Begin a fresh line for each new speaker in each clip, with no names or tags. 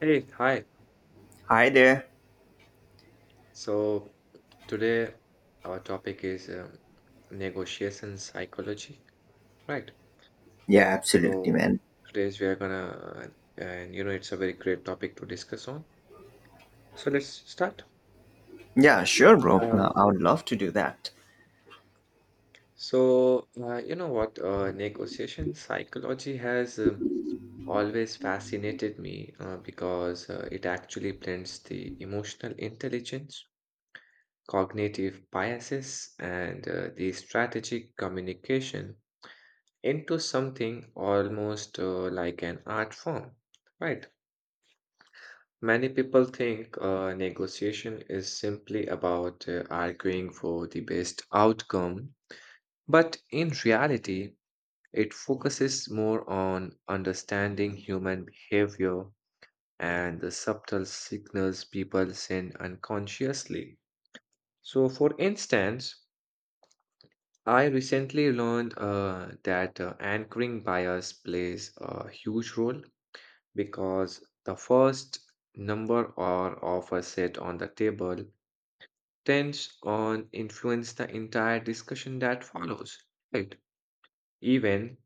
Hey, hi.
Hi there.
So today our topic is negotiation psychology, right?
Yeah, absolutely,
So
man.
today we are gonna, it's a very great topic to discuss on. So let's start.
Yeah, sure, bro.
Uh,
I would love to do that.
so you know what? Negotiation psychology has always fascinated me because it actually blends the emotional intelligence, cognitive biases, and the strategic communication into something almost like an art form, right? Many people think negotiation is simply about arguing for the best outcome, but in reality, it focuses more on understanding human behavior and the subtle signals people send unconsciously. So, for instance, I recently learned that anchoring bias plays a huge role because the first number or offer set on the table tends on influence the entire discussion that follows, right? Even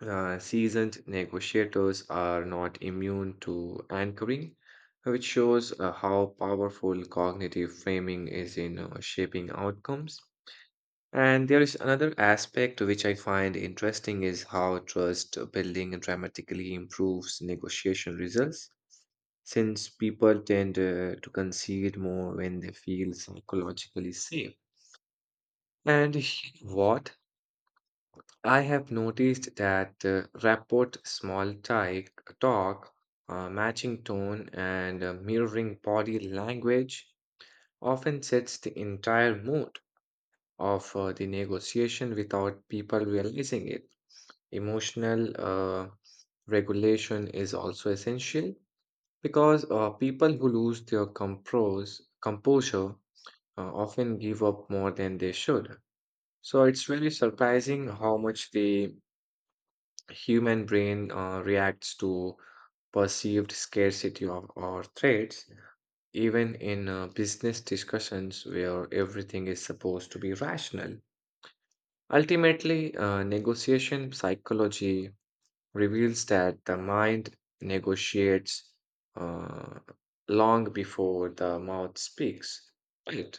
seasoned negotiators are not immune to anchoring, which shows how powerful cognitive framing is in shaping outcomes. And there is another aspect which I find interesting is how trust building dramatically improves negotiation results, since people tend to concede more when they feel psychologically safe. And what I have noticed that rapport, talk, matching tone, and mirroring body language often sets the entire mood of the negotiation without people realizing it. Emotional regulation is also essential because people who lose their composure often give up more than they should. So it's really surprising how much the human brain reacts to perceived scarcity of or threats, even in business discussions where everything is supposed to be rational. Ultimately, negotiation psychology reveals that the mind negotiates uh, long before the mouth speaks. Right.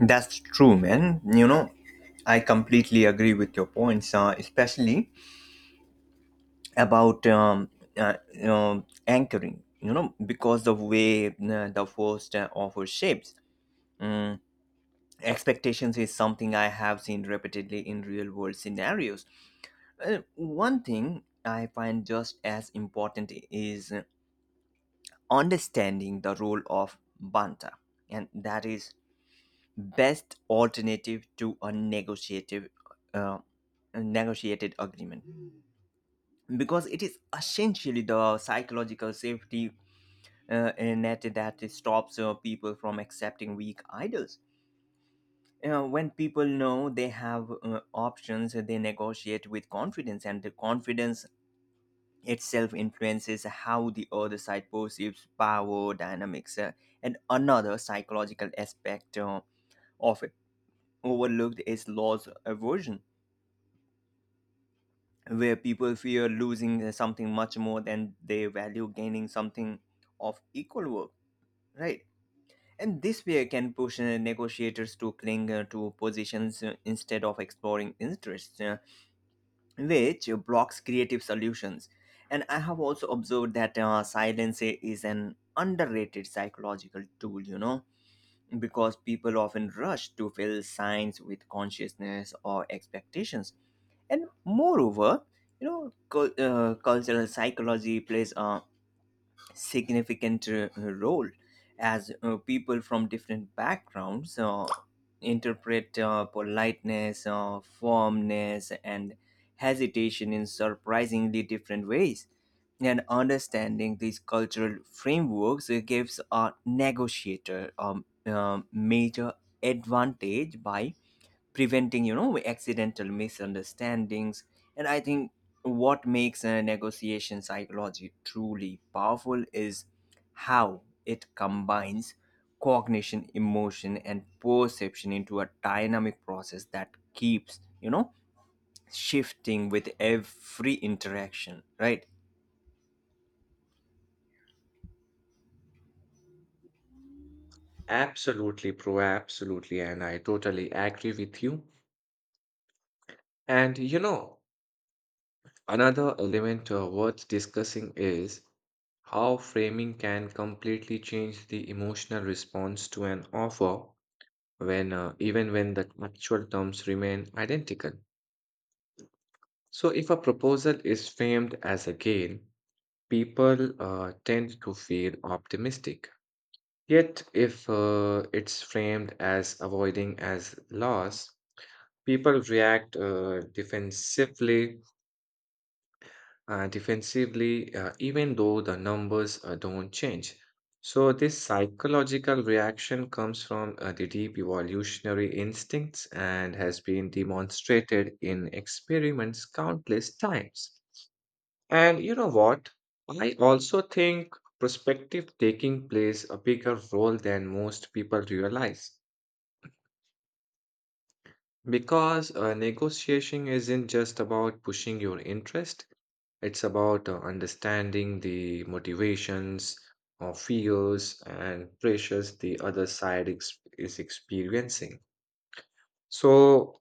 That's true, man. You know, I completely agree with your points, especially about anchoring. You know, because the way the first offer shapes expectations is something I have seen repeatedly in real world scenarios. One thing I find just as important is understanding the role of banta, and that is best alternative to a negotiative uh, a negotiated agreement because it is essentially the psychological safety net that stops people from accepting weak idols. When people know they have options, they negotiate with confidence, and the confidence itself influences how the other side perceives power dynamics, and another psychological aspect of it overlooked is loss aversion, where people fear losing something much more than they value gaining something of equal work, right? And this fear can push negotiators to cling to positions, instead of exploring interests, which blocks creative solutions. And I have also observed that silence is an underrated psychological tool, you know, because people often rush to fill signs with consciousness or expectations. And moreover, you know, cultural psychology plays a significant role, as people from different backgrounds interpret politeness, firmness, and hesitation in surprisingly different ways. And understanding these cultural frameworks gives a negotiator a major advantage by preventing, you know, accidental misunderstandings. And I think what makes a negotiation psychology truly powerful is how it combines cognition, emotion, and perception into a dynamic process that keeps, you know, shifting with every interaction, right?
Absolutely, pro, absolutely, and I totally agree with you. And you know, another element worth discussing is how framing can completely change the emotional response to an offer when even when the actual terms remain identical. So, if a proposal is framed as a gain, people tend to feel optimistic. Yet, if it's framed as avoiding as loss, people react defensively, even though the numbers don't change. So, this psychological reaction comes from the deep evolutionary instincts and has been demonstrated in experiments countless times. And you know what? I also think perspective taking plays a bigger role than most people realize, because negotiation isn't just about pushing your interest, it's about understanding the motivations or fears and pressures the other side is experiencing. So,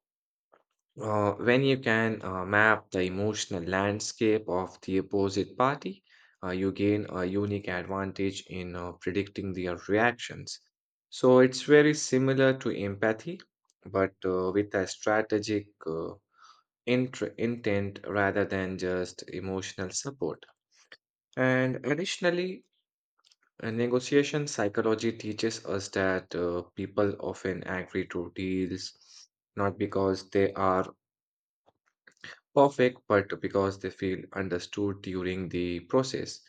Uh, when you can map the emotional landscape of the opposite party, you gain a unique advantage in predicting their reactions. So it's very similar to empathy, but with a strategic intent rather than just emotional support. And additionally, negotiation psychology teaches us that people often agree to deals not because they are perfect, but because they feel understood during the process.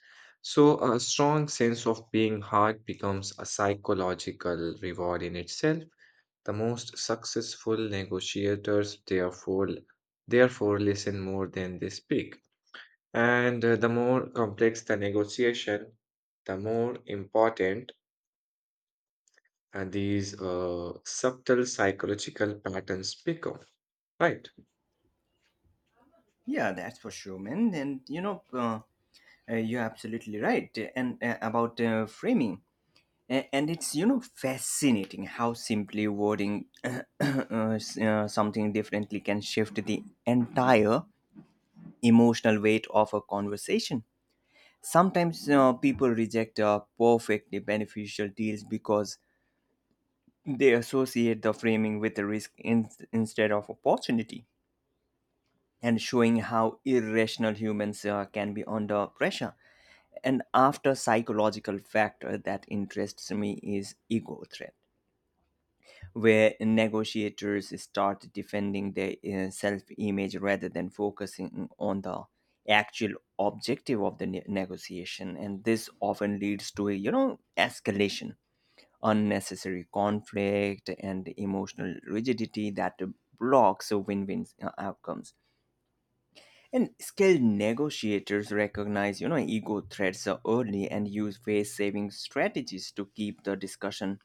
So, a strong sense of being heard becomes a psychological reward in itself. The most successful negotiators, therefore, listen more than they speak. And the more complex the negotiation, the more important these subtle psychological patterns become. Right?
Yeah, that's for sure, man. And you know, you're absolutely right, and about framing. And it's, you know, fascinating how simply wording something differently can shift the entire emotional weight of a conversation. Sometimes people reject perfectly beneficial deals because they associate the framing with a risk instead of opportunity, and showing how irrational humans can be under pressure. And after psychological factor that interests me is ego threat, where negotiators start defending their self image rather than focusing on the actual objective of the negotiation. And this often leads to, a you know, escalation, unnecessary conflict, and emotional rigidity that blocks win-win outcomes. And skilled negotiators recognize, you know, ego threats early and use face saving strategies to keep the discussion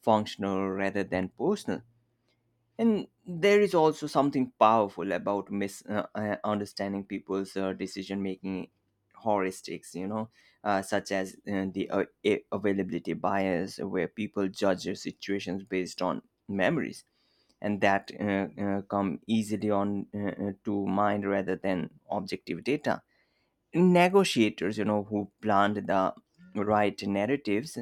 functional rather than personal. And there is also something powerful about understanding people's decision making heuristics, you know, such as availability bias, where people judge their situations based on memories and that come easily on to mind rather than objective data. Negotiators, you know, who plant the right narratives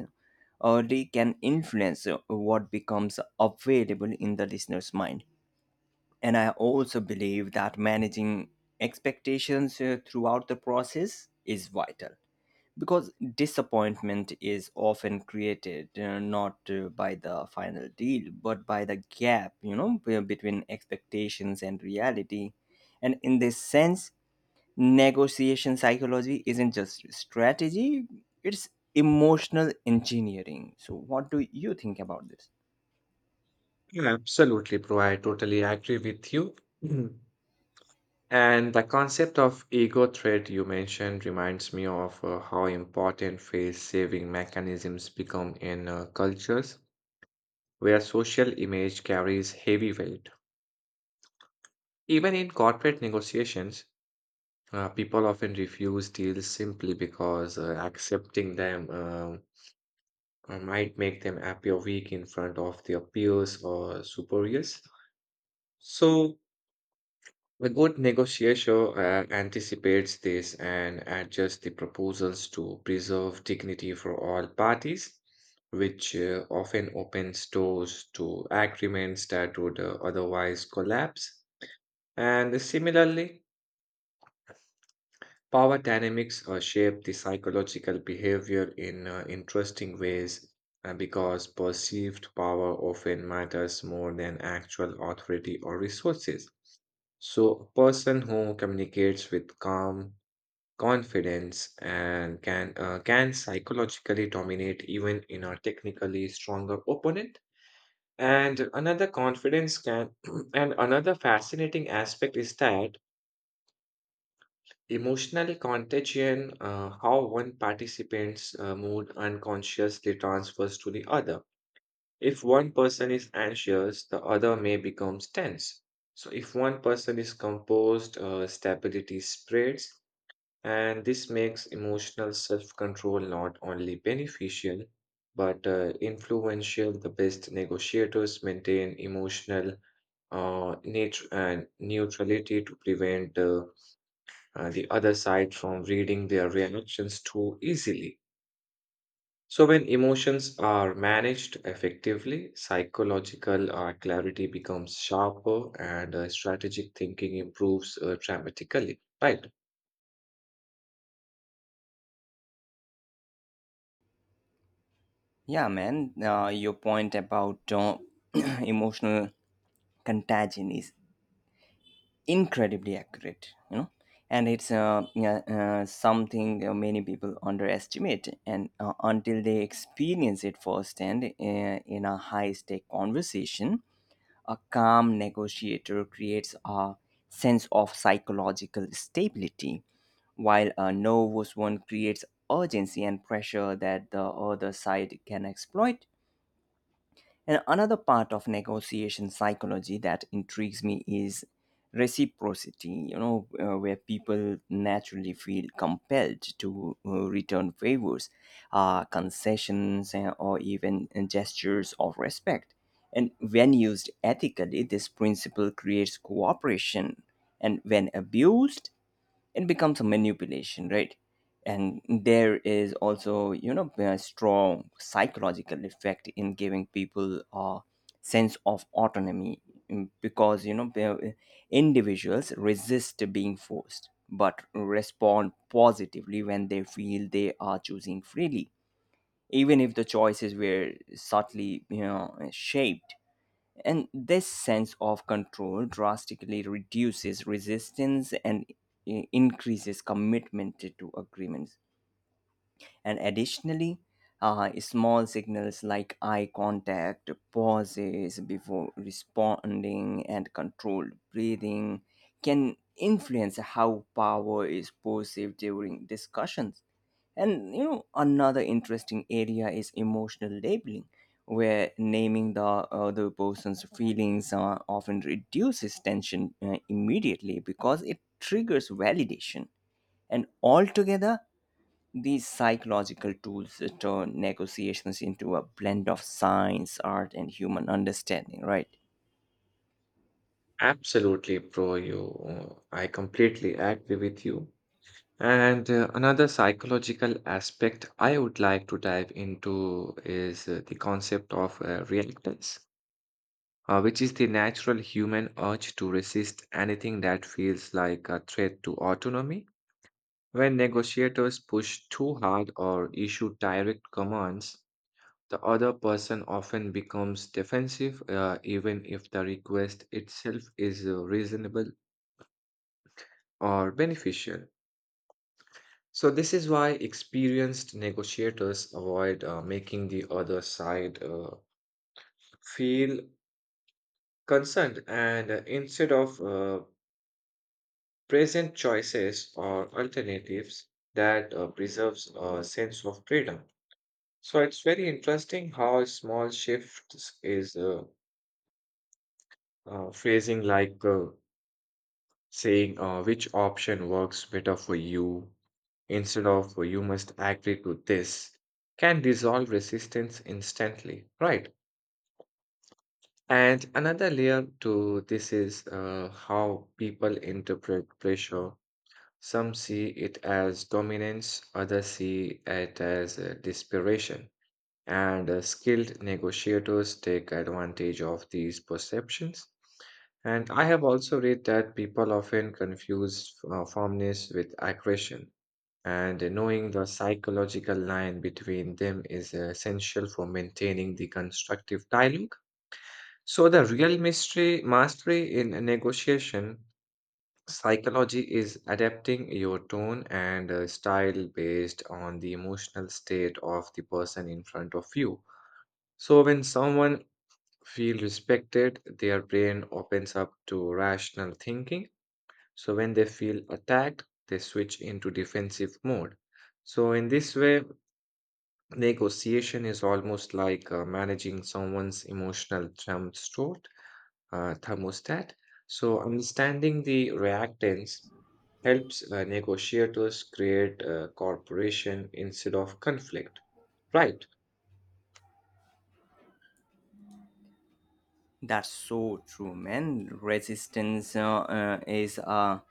early can influence what becomes available in the listener's mind. And I also believe that managing expectations throughout the process is vital, because disappointment is often created, not by the final deal, but by the gap, you know, between expectations and reality. And in this sense, negotiation psychology isn't just strategy, it's emotional engineering. So what do you think about this?
Absolutely, Bro. I totally agree with you. And the concept of ego threat you mentioned reminds me of how important face saving mechanisms become in cultures where social image carries heavy weight. Even in corporate negotiations, people often refuse deals simply because accepting them might make them appear weak in front of their peers or superiors. So, a good negotiator anticipates this and adjusts the proposals to preserve dignity for all parties, which often opens doors to agreements that would otherwise collapse. And similarly, power dynamics shape the psychological behavior in interesting ways because perceived power often matters more than actual authority or resources. So, a person who communicates with calm, confidence and can psychologically dominate even in a technically stronger opponent. And another confidence can and another fascinating aspect is that emotionally contagion, how one participant's mood unconsciously transfers to the other. If one person is anxious, the other may become tense. So if one person is composed, stability spreads. And this makes emotional self control not only beneficial, but influential. The best negotiators maintain emotional nat- and neutrality to prevent the other side from reading their reactions too easily. So, when emotions are managed effectively, psychological clarity becomes sharper and strategic thinking improves dramatically, right?
Yeah, man. Your point about emotional contagion is incredibly accurate, you know. And it's something many people underestimate and until they experience it firsthand in a high stake conversation. A calm negotiator creates a sense of psychological stability, while a nervous one creates urgency and pressure that the other side can exploit. And another part of negotiation psychology that intrigues me is reciprocity, you know, where people naturally feel compelled to return favors, concessions, or even gestures of respect. And when used ethically, this principle creates cooperation. And when abused, it becomes a manipulation, right? And there is also, you know, a strong psychological effect in giving people a sense of autonomy, mm, because, you know, individuals resist being forced but respond positively when they feel they are choosing freely, even if the choices were subtly, you know, shaped. And this sense of control drastically reduces resistance and increases commitment to agreements. And additionally, small signals like eye contact, pauses before responding, and controlled breathing can influence how power is perceived during discussions. And you know, another interesting area is emotional labeling, where naming the other person's feelings often reduces tension immediately because it triggers validation. And altogether, these psychological tools turn negotiations into a blend of science, art, and human understanding, right?
Absolutely, bro. I completely agree with you. And another psychological aspect I would like to dive into is the concept of reactance, which is the natural human urge to resist anything that feels like a threat to autonomy. When negotiators push too hard or issue direct commands, the other person often becomes defensive, even if the request itself is reasonable or beneficial. So, this is why experienced negotiators avoid making the other side feel concerned, and instead of present choices or alternatives that preserves a sense of freedom. So, it's very interesting how a small shifts is phrasing like saying which option works better for you instead of "Oh, you must agree to this," can dissolve resistance instantly, right? And another layer to this is how people interpret pressure. Some see it as dominance, others see it as desperation, and skilled negotiators take advantage of these perceptions. And I have also read that people often confuse firmness with aggression, and knowing the psychological line between them is essential for maintaining the constructive dialogue. So, the real mystery mastery in a negotiation psychology is adapting your tone and style based on the emotional state of the person in front of you. So, when someone feels respected, their brain opens up to rational thinking. So, when they feel attacked, they switch into defensive mode. So, in this way, negotiation is almost like managing someone's emotional thermostat. So, understanding the reactants helps negotiators create cooperation instead of conflict. Right.
That's so true, man. Resistance is a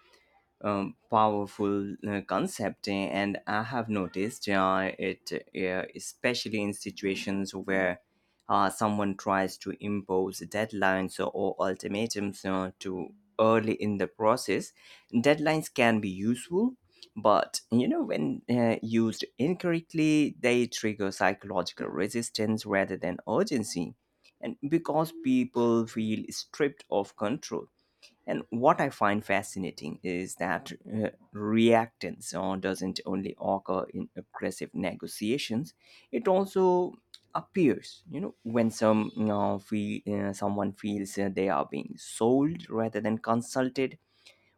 powerful concept, and I have noticed it especially in situations where someone tries to impose deadlines or ultimatums too early in the process. Deadlines can be useful, but you know, when used incorrectly, they trigger psychological resistance rather than urgency, and because people feel stripped of control. And what I find fascinating is that reactance doesn't only occur in aggressive negotiations; it also appears, you know, when someone feels they are being sold rather than consulted,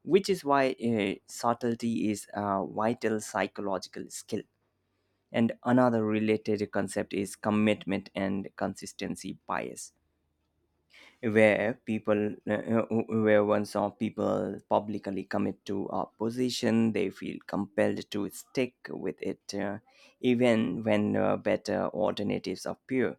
which is why subtlety is a vital psychological skill. And another related concept is commitment and consistency bias, where once some people publicly commit to a position, they feel compelled to stick with it, even when better alternatives appear.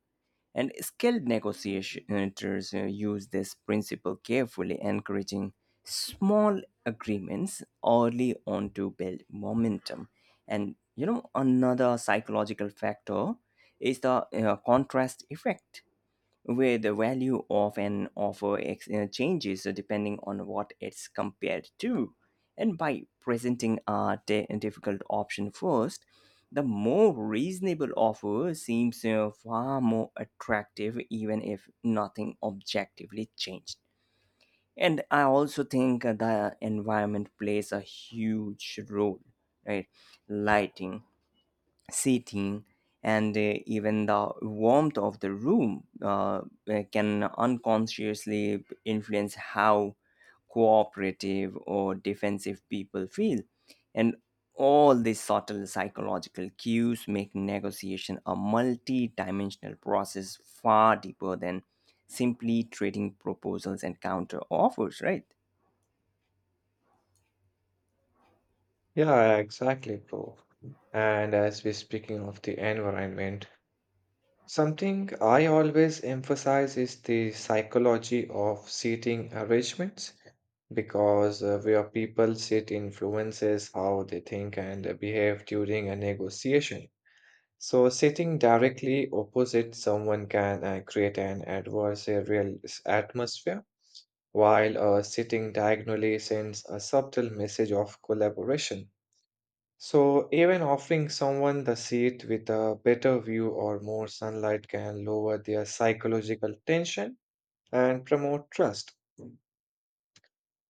And skilled negotiators use this principle carefully, encouraging small agreements early on to build momentum. And you know, another psychological factor is the contrast effect, where the value of an offer changes depending on what it's compared to. And by presenting a difficult option first, the more reasonable offer seems far more attractive, even if nothing objectively changed. And I also think the environment plays a huge role, right? Lighting, seating, and even the warmth of the room can unconsciously influence how cooperative or defensive people feel. And all these subtle psychological cues make negotiation a multi-dimensional process far deeper than simply trading proposals and counter offers, right?
Yeah, exactly, bro. And as we're speaking of the environment, something I always emphasize is the psychology of seating arrangements, because where people sit influences how they think and behave during a negotiation. So, sitting directly opposite someone can create an adversarial atmosphere, while sitting diagonally sends a subtle message of collaboration. So, even offering someone the seat with a better view or more sunlight can lower their psychological tension and promote trust.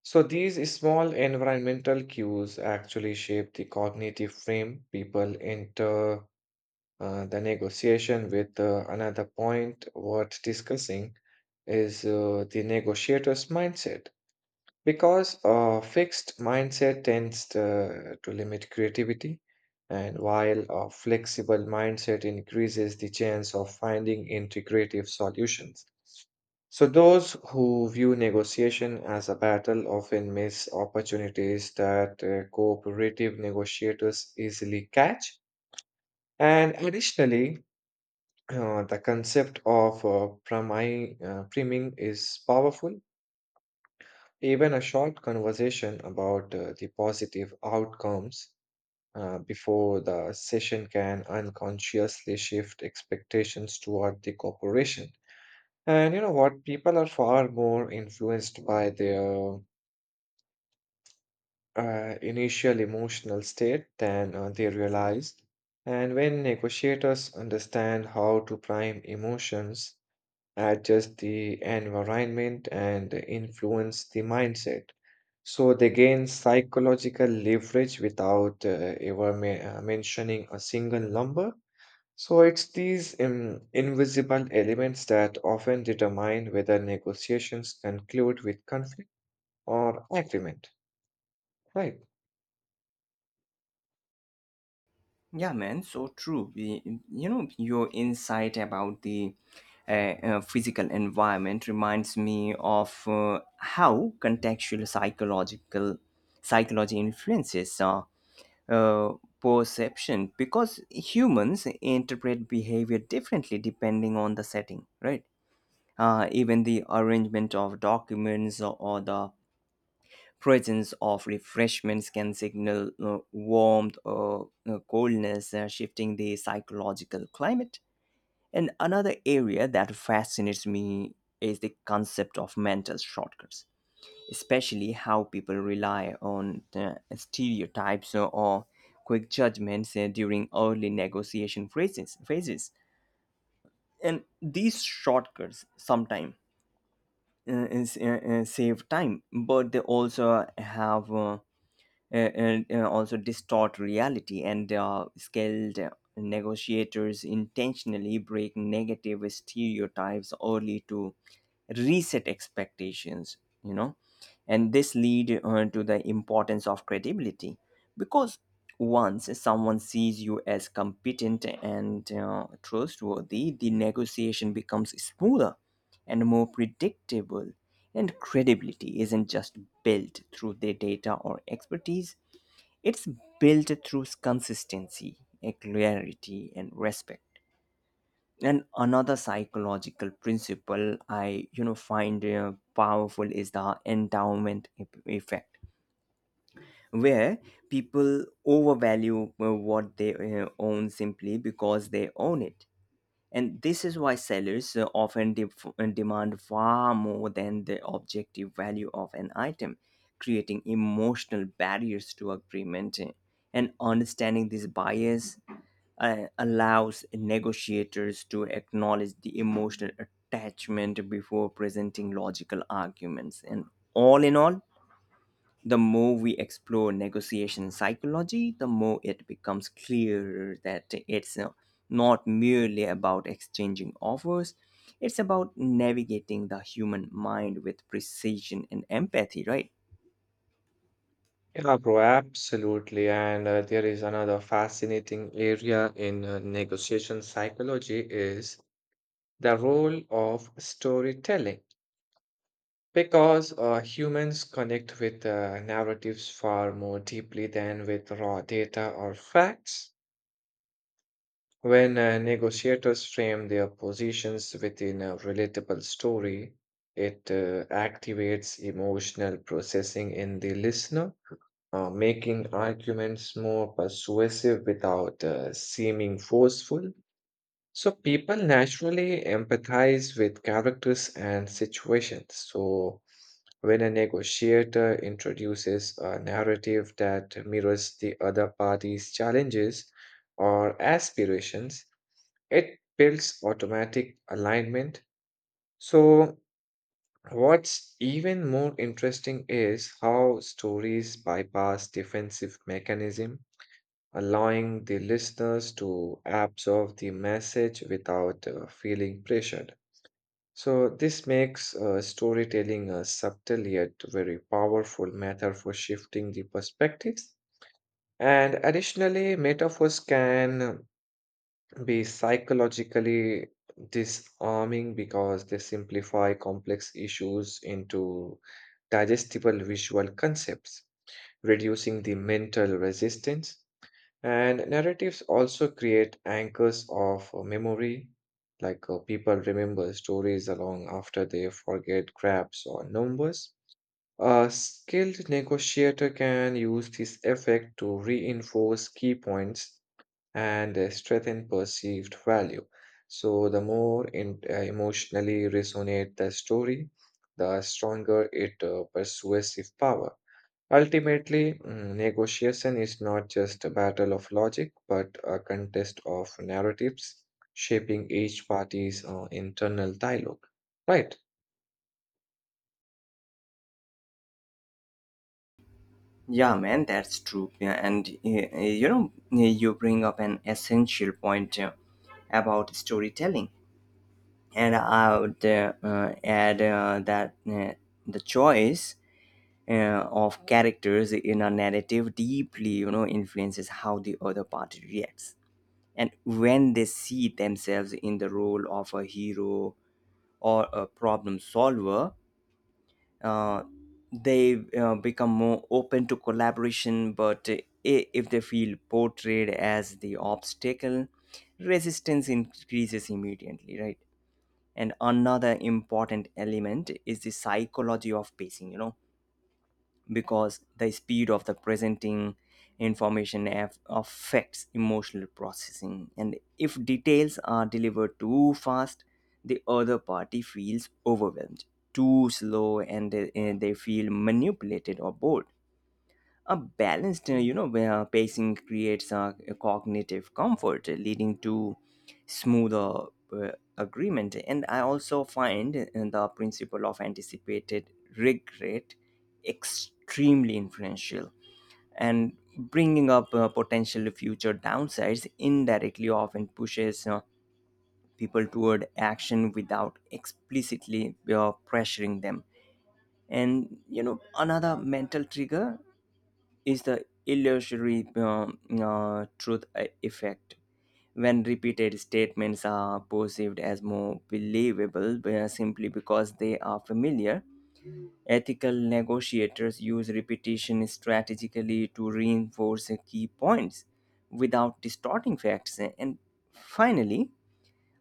So, these small environmental cues actually shape the cognitive frame people enter the negotiation with. Another point worth discussing is the negotiator's mindset. Because a fixed mindset tends to limit creativity, and while a flexible mindset increases the chance of finding integrative solutions. So, those who view negotiation as a battle often miss opportunities that cooperative negotiators easily catch. And additionally, the concept of priming is powerful. Even a short conversation about the positive outcomes before the session can unconsciously shift expectations toward the corporation. And you know what? People are far more influenced by their initial emotional state than they realize. And when negotiators understand how to prime emotions, adjust the environment and influence the mindset. So they gain psychological leverage without ever mentioning a single number. So it's these invisible elements that often determine whether negotiations conclude with conflict or agreement, right?
Yeah, man, so true. You know, your insight about the uh, physical environment reminds me of how contextual psychological psychology influences uh, perception, because humans interpret behavior differently depending on the setting, right? Even the arrangement of documents or the presence of refreshments can signal warmth or coldness, shifting the psychological climate. And another area that fascinates me is the concept of mental shortcuts, especially how people rely on stereotypes or quick judgments during early negotiation phases. And these shortcuts sometimes save time, but they also have and also distort reality. And skilled negotiators intentionally break negative stereotypes early to reset expectations, you know. And this lead to the importance of credibility, because once someone sees you as competent and trustworthy, the negotiation becomes smoother and more predictable. And credibility isn't just built through their data or expertise, it's built through consistency, clarity, and respect. And another psychological principle I, you know, find powerful is the endowment effect, where people overvalue what they own simply because they own it. And this is why sellers often demand far more than the objective value of an item, creating emotional barriers to agreement. And understanding this bias allows negotiators to acknowledge the emotional attachment before presenting logical arguments. And all in all, the more we explore negotiation psychology, the more it becomes clear that it's, not merely about exchanging offers, it's about navigating the human mind with precision and empathy, right?
Yeah, bro, absolutely. And there is another fascinating area in negotiation psychology is the role of storytelling. Because humans connect with narratives far more deeply than with raw data or facts. When negotiators frame their positions within a relatable story, it activates emotional processing in the listener, making arguments more persuasive without seeming forceful. So people naturally empathize with characters and situations. So when a negotiator introduces a narrative that mirrors the other party's challenges or aspirations, it builds automatic alignment. So what's even more interesting is how stories bypass defensive mechanism, allowing the listeners to absorb the message without feeling pressured. So, this makes storytelling a subtle yet very powerful method for shifting the perspectives. And additionally, metaphors can be psychologically disarming because they simplify complex issues into digestible visual concepts, reducing the mental resistance. And narratives also create anchors of memory, like people remember stories along after they forget grabs or numbers. A skilled negotiator can use this effect to reinforce key points and strengthen perceived value. So, the more emotionally resonate the story, the stronger its persuasive power. Ultimately, negotiation is not just a battle of logic, but a contest of narratives shaping each party's internal dialogue, right?
Yeah, man, that's true. Yeah, and you know, eh, You bring up an essential point about storytelling, and I would add that the choice of characters in a narrative deeply, you know, influences how the other party reacts. And when they see themselves in the role of a hero or a problem solver, uh, they become more open to collaboration. But if they feel portrayed as the obstacle, resistance increases immediately, right? And another important element is the psychology of pacing, you know, because the speed of the presenting information affects emotional processing. And if details are delivered too fast, the other party feels overwhelmed; too slow, and they feel manipulated or bored. A balanced, you know, where pacing creates a cognitive comfort, leading to smoother uh, agreement. And I also find the principle of anticipated regret extremely influential. And bringing up potential future downsides indirectly often pushes people toward action without explicitly pressuring them. And you know, another mental trigger is the illusory truth effect. When repeated statements are perceived as more believable, simply because they are familiar, ethical negotiators use repetition strategically to reinforce key points without distorting facts. And finally,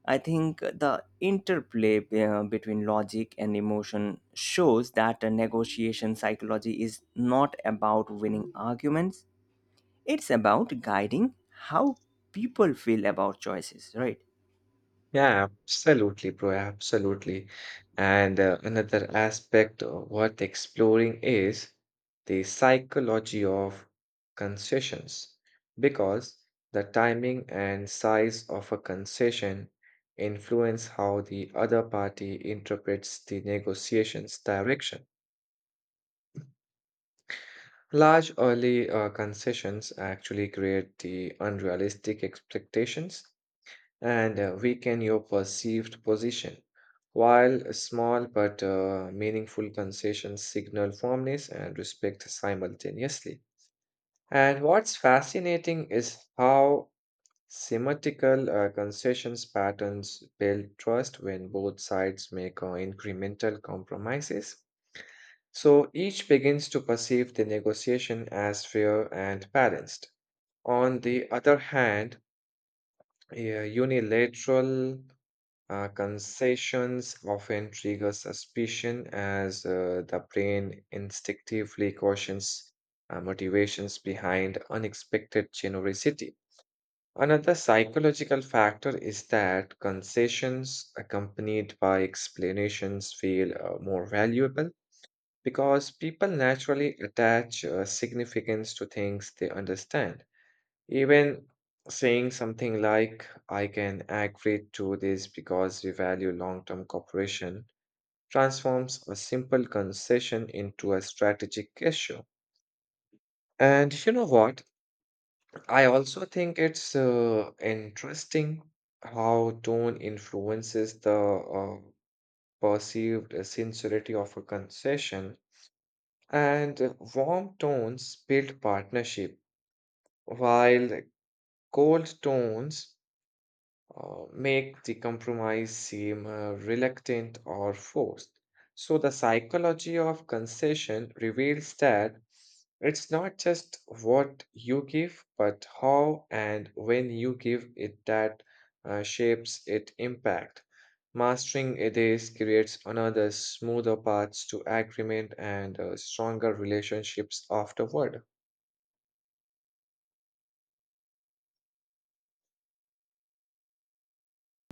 I think the interplay, between logic and emotion shows that a negotiation psychology is not about winning arguments, it's about guiding how people feel about choices, right?
Yeah, absolutely, bro. Absolutely. And another aspect of worth exploring is the psychology of concessions, because the timing and size of a concession influence how the other party interprets the negotiation's direction. Large early concessions actually create the unrealistic expectations and weaken your perceived position, while small but meaningful concessions signal firmness and respect simultaneously. And what's fascinating is how symmetrical concessions patterns build trust when both sides make incremental compromises. So each begins to perceive the negotiation as fair and balanced. On the other hand, unilateral concessions often trigger suspicion as the brain instinctively cautions motivations behind unexpected generosity. Another psychological factor is that concessions accompanied by explanations feel more valuable because people naturally attach significance to things they understand. Even saying something like, I can agree to this because we value long term cooperation, transforms a simple concession into a strategic issue. And you know what? I also think it's interesting how tone influences the perceived sincerity of a concession, and warm tones build partnership, while cold tones make the compromise seem reluctant or forced. So, the psychology of concession reveals that it's not just what you give, but how and when you give it that shapes its impact. Mastering it is creates another smoother path to agreement and stronger relationships afterward.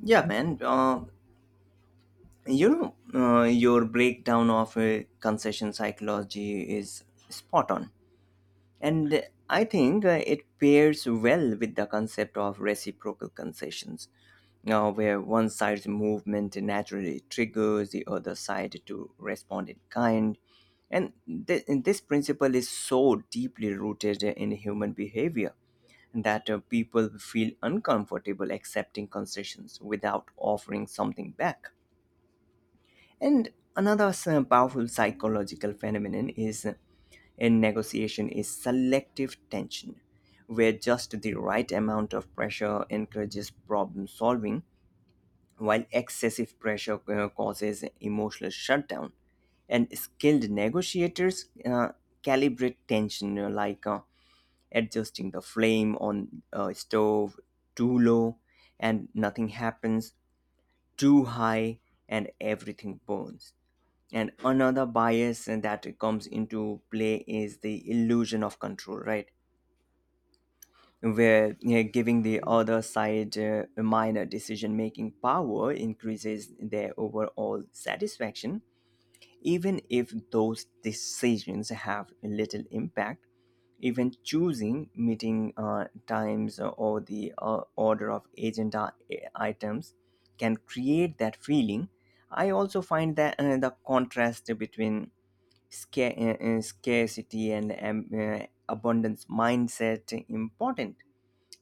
Yeah, man. You know, your breakdown of concession psychology is spot on. And I think it pairs well with the concept of reciprocal concessions, where one side's movement naturally triggers the other side to respond in kind. And, and this principle is so deeply rooted in human behavior that, people feel uncomfortable accepting concessions without offering something back. And another powerful psychological phenomenon is, in negotiation, is selective tension, where just the right amount of pressure encourages problem solving, while excessive pressure causes emotional shutdown. And skilled negotiators calibrate tension, like adjusting the flame on a stove. Too low and nothing happens, too high and everything burns. And another bias that comes into play is the illusion of control, right? Where, you know, giving the other side minor decision making power increases their overall satisfaction even if those decisions have little impact. Even choosing meeting times or the order of agenda items can create that feeling. I also find that the contrast between scarcity and abundance mindset important,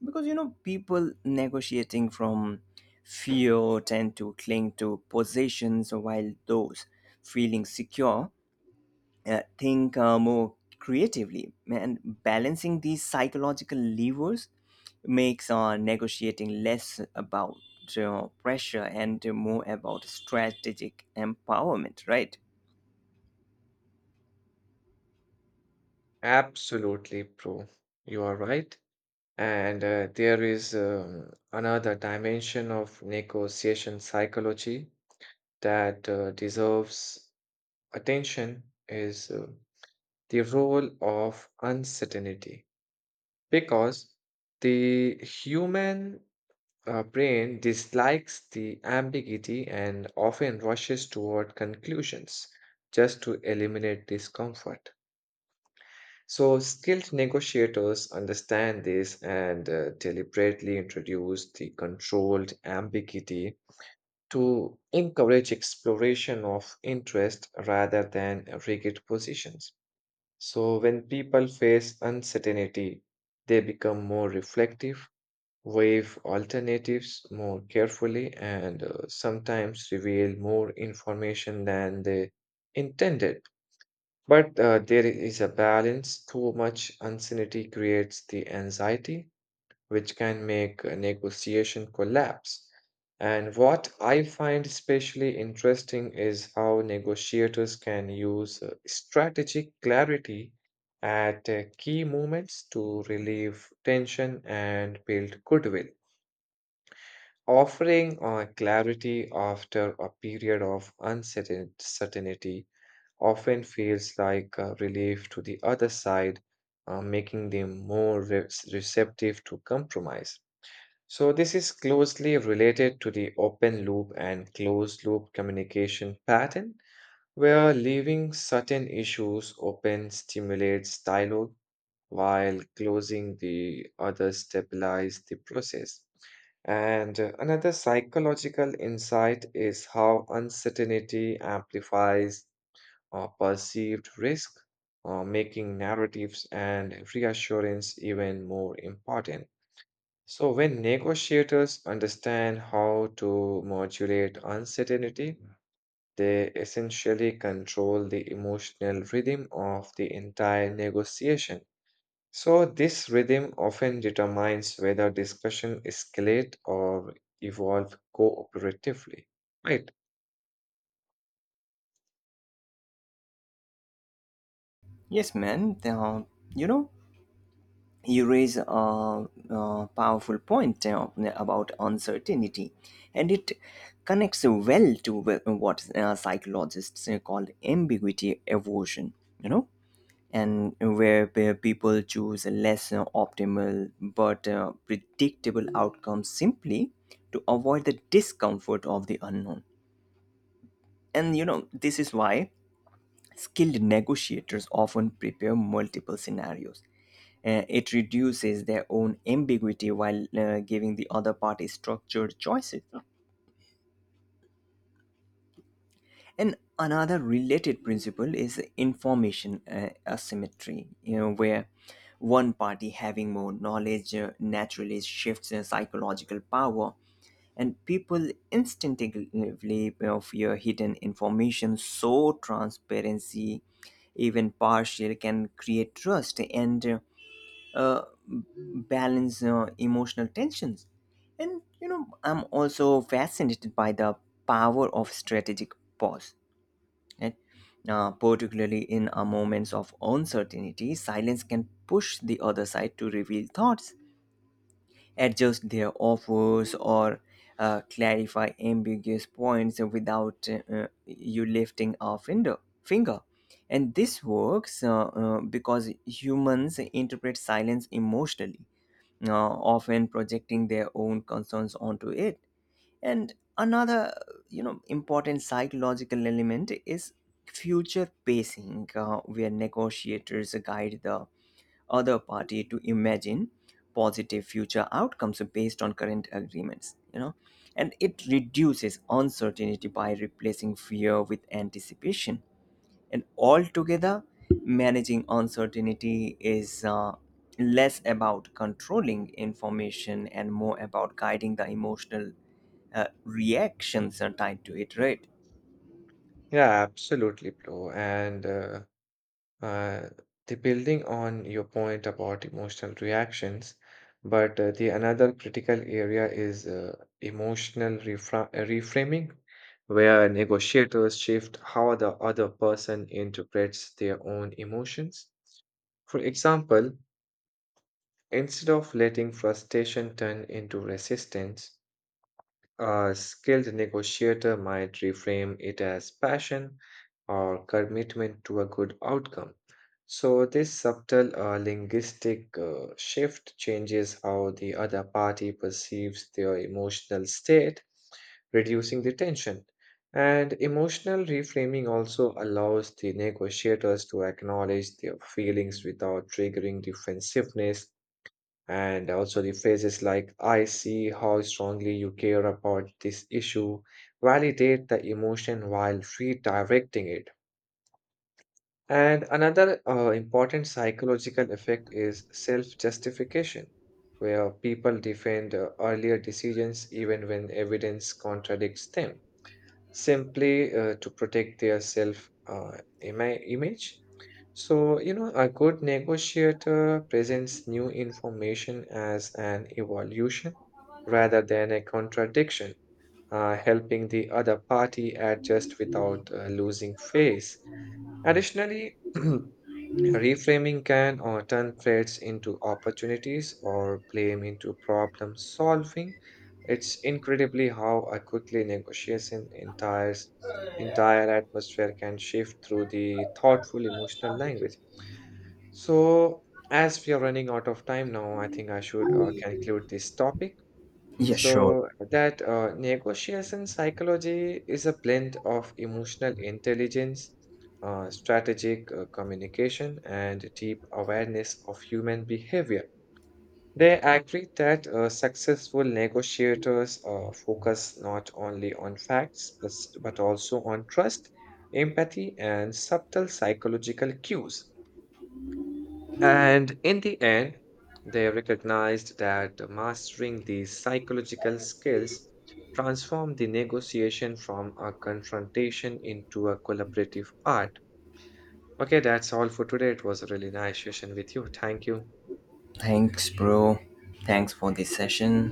because, you know, people negotiating from fear tend to cling to possessions, while those feeling secure think more creatively. And balancing these psychological levers makes negotiating less about pressure and more about strategic empowerment, right?
Absolutely, bro. You are right. And there is another dimension of negotiation psychology that deserves attention is the role of uncertainty because the human brain dislikes the ambiguity and often rushes toward conclusions just to eliminate discomfort. So, skilled negotiators understand this and deliberately introduce the controlled ambiguity to encourage exploration of interest rather than rigid positions. So, when people face uncertainty, they become more reflective, weigh alternatives more carefully, and sometimes reveal more information than they intended. But there is a balance. Too much uncertainty creates the anxiety, which can make a negotiation collapse. And what I find especially interesting is how negotiators can use strategic clarity at key moments to relieve tension and build goodwill. Offering clarity after a period of uncertain certainty often feels like a relief to the other side, making them more receptive to compromise. So, this is closely related to the open loop and closed loop communication pattern, where leaving certain issues open stimulates dialogue while closing the others stabilize the process. And another psychological insight is how uncertainty amplifies perceived risk, making narratives and reassurance even more important. So, when negotiators understand how to modulate uncertainty, they essentially control the emotional rhythm of the entire negotiation. So, this rhythm often determines whether discussion escalate or evolve cooperatively, right?
Yes, man. You know, you raise a powerful point about uncertainty, and it connects well to what psychologists call ambiguity aversion. You know, and where people choose less optimal but predictable outcomes simply to avoid the discomfort of the unknown. And you know, this is why skilled negotiators often prepare multiple scenarios. It reduces their own ambiguity while giving the other party structured choices. And another related principle is information asymmetry, you know, where one party having more knowledge naturally shifts their psychological power, and people instinctively, you know, fear hidden information, so transparency, even partial, can create trust and uh, uh, balance emotional tensions. And you know, I'm also fascinated by the power of strategic pause, right? Particularly in moments of uncertainty, silence can push the other side to reveal thoughts, adjust their offers, or clarify ambiguous points without you lifting a finger. And this works because humans interpret silence emotionally, often projecting their own concerns onto it. And another, you know, important psychological element is future pacing, where negotiators guide the other party to imagine positive future outcomes based on current agreements, you know. And it reduces uncertainty by replacing fear with anticipation. And altogether, managing uncertainty is less about controlling information and more about guiding the emotional reactions are tied to it, right?
Yeah, absolutely, bro. And Uh, the building on your point about emotional reactions, but the another critical area is emotional reframing, where negotiators shift how the other person interprets their own emotions. For example, instead of letting frustration turn into resistance, a skilled negotiator might reframe it as passion or commitment to a good outcome. So, this subtle linguistic shift changes how the other party perceives their emotional state, reducing the tension. And emotional reframing also allows the negotiators to acknowledge their feelings without triggering defensiveness and also the phrases like, I see how strongly you care about this issue, validate the emotion while redirecting it. And another important psychological effect is self justification, where people defend earlier decisions even when evidence contradicts them simply to protect their self image. So, you know, a good negotiator presents new information as an evolution rather than a contradiction, helping the other party adjust without losing face. Additionally, reframing can turn threats into opportunities or blame into problem solving. It's incredibly how a quickly negotiation entire atmosphere can shift through the thoughtful emotional language. So, as we are running out of time now, I think I should conclude this topic.
Yeah, sure.
So that negotiation psychology is a blend of emotional intelligence, strategic communication, and deep awareness of human behavior. They agree that successful negotiators focus not only on facts, but also on trust, empathy, and subtle psychological cues. And in the end, they recognized that mastering these psychological skills transformed the negotiation from a confrontation into a collaborative art. Okay, that's all for today. It was a really nice session with you. Thank you.
Thanks, bro. Thanks for this session.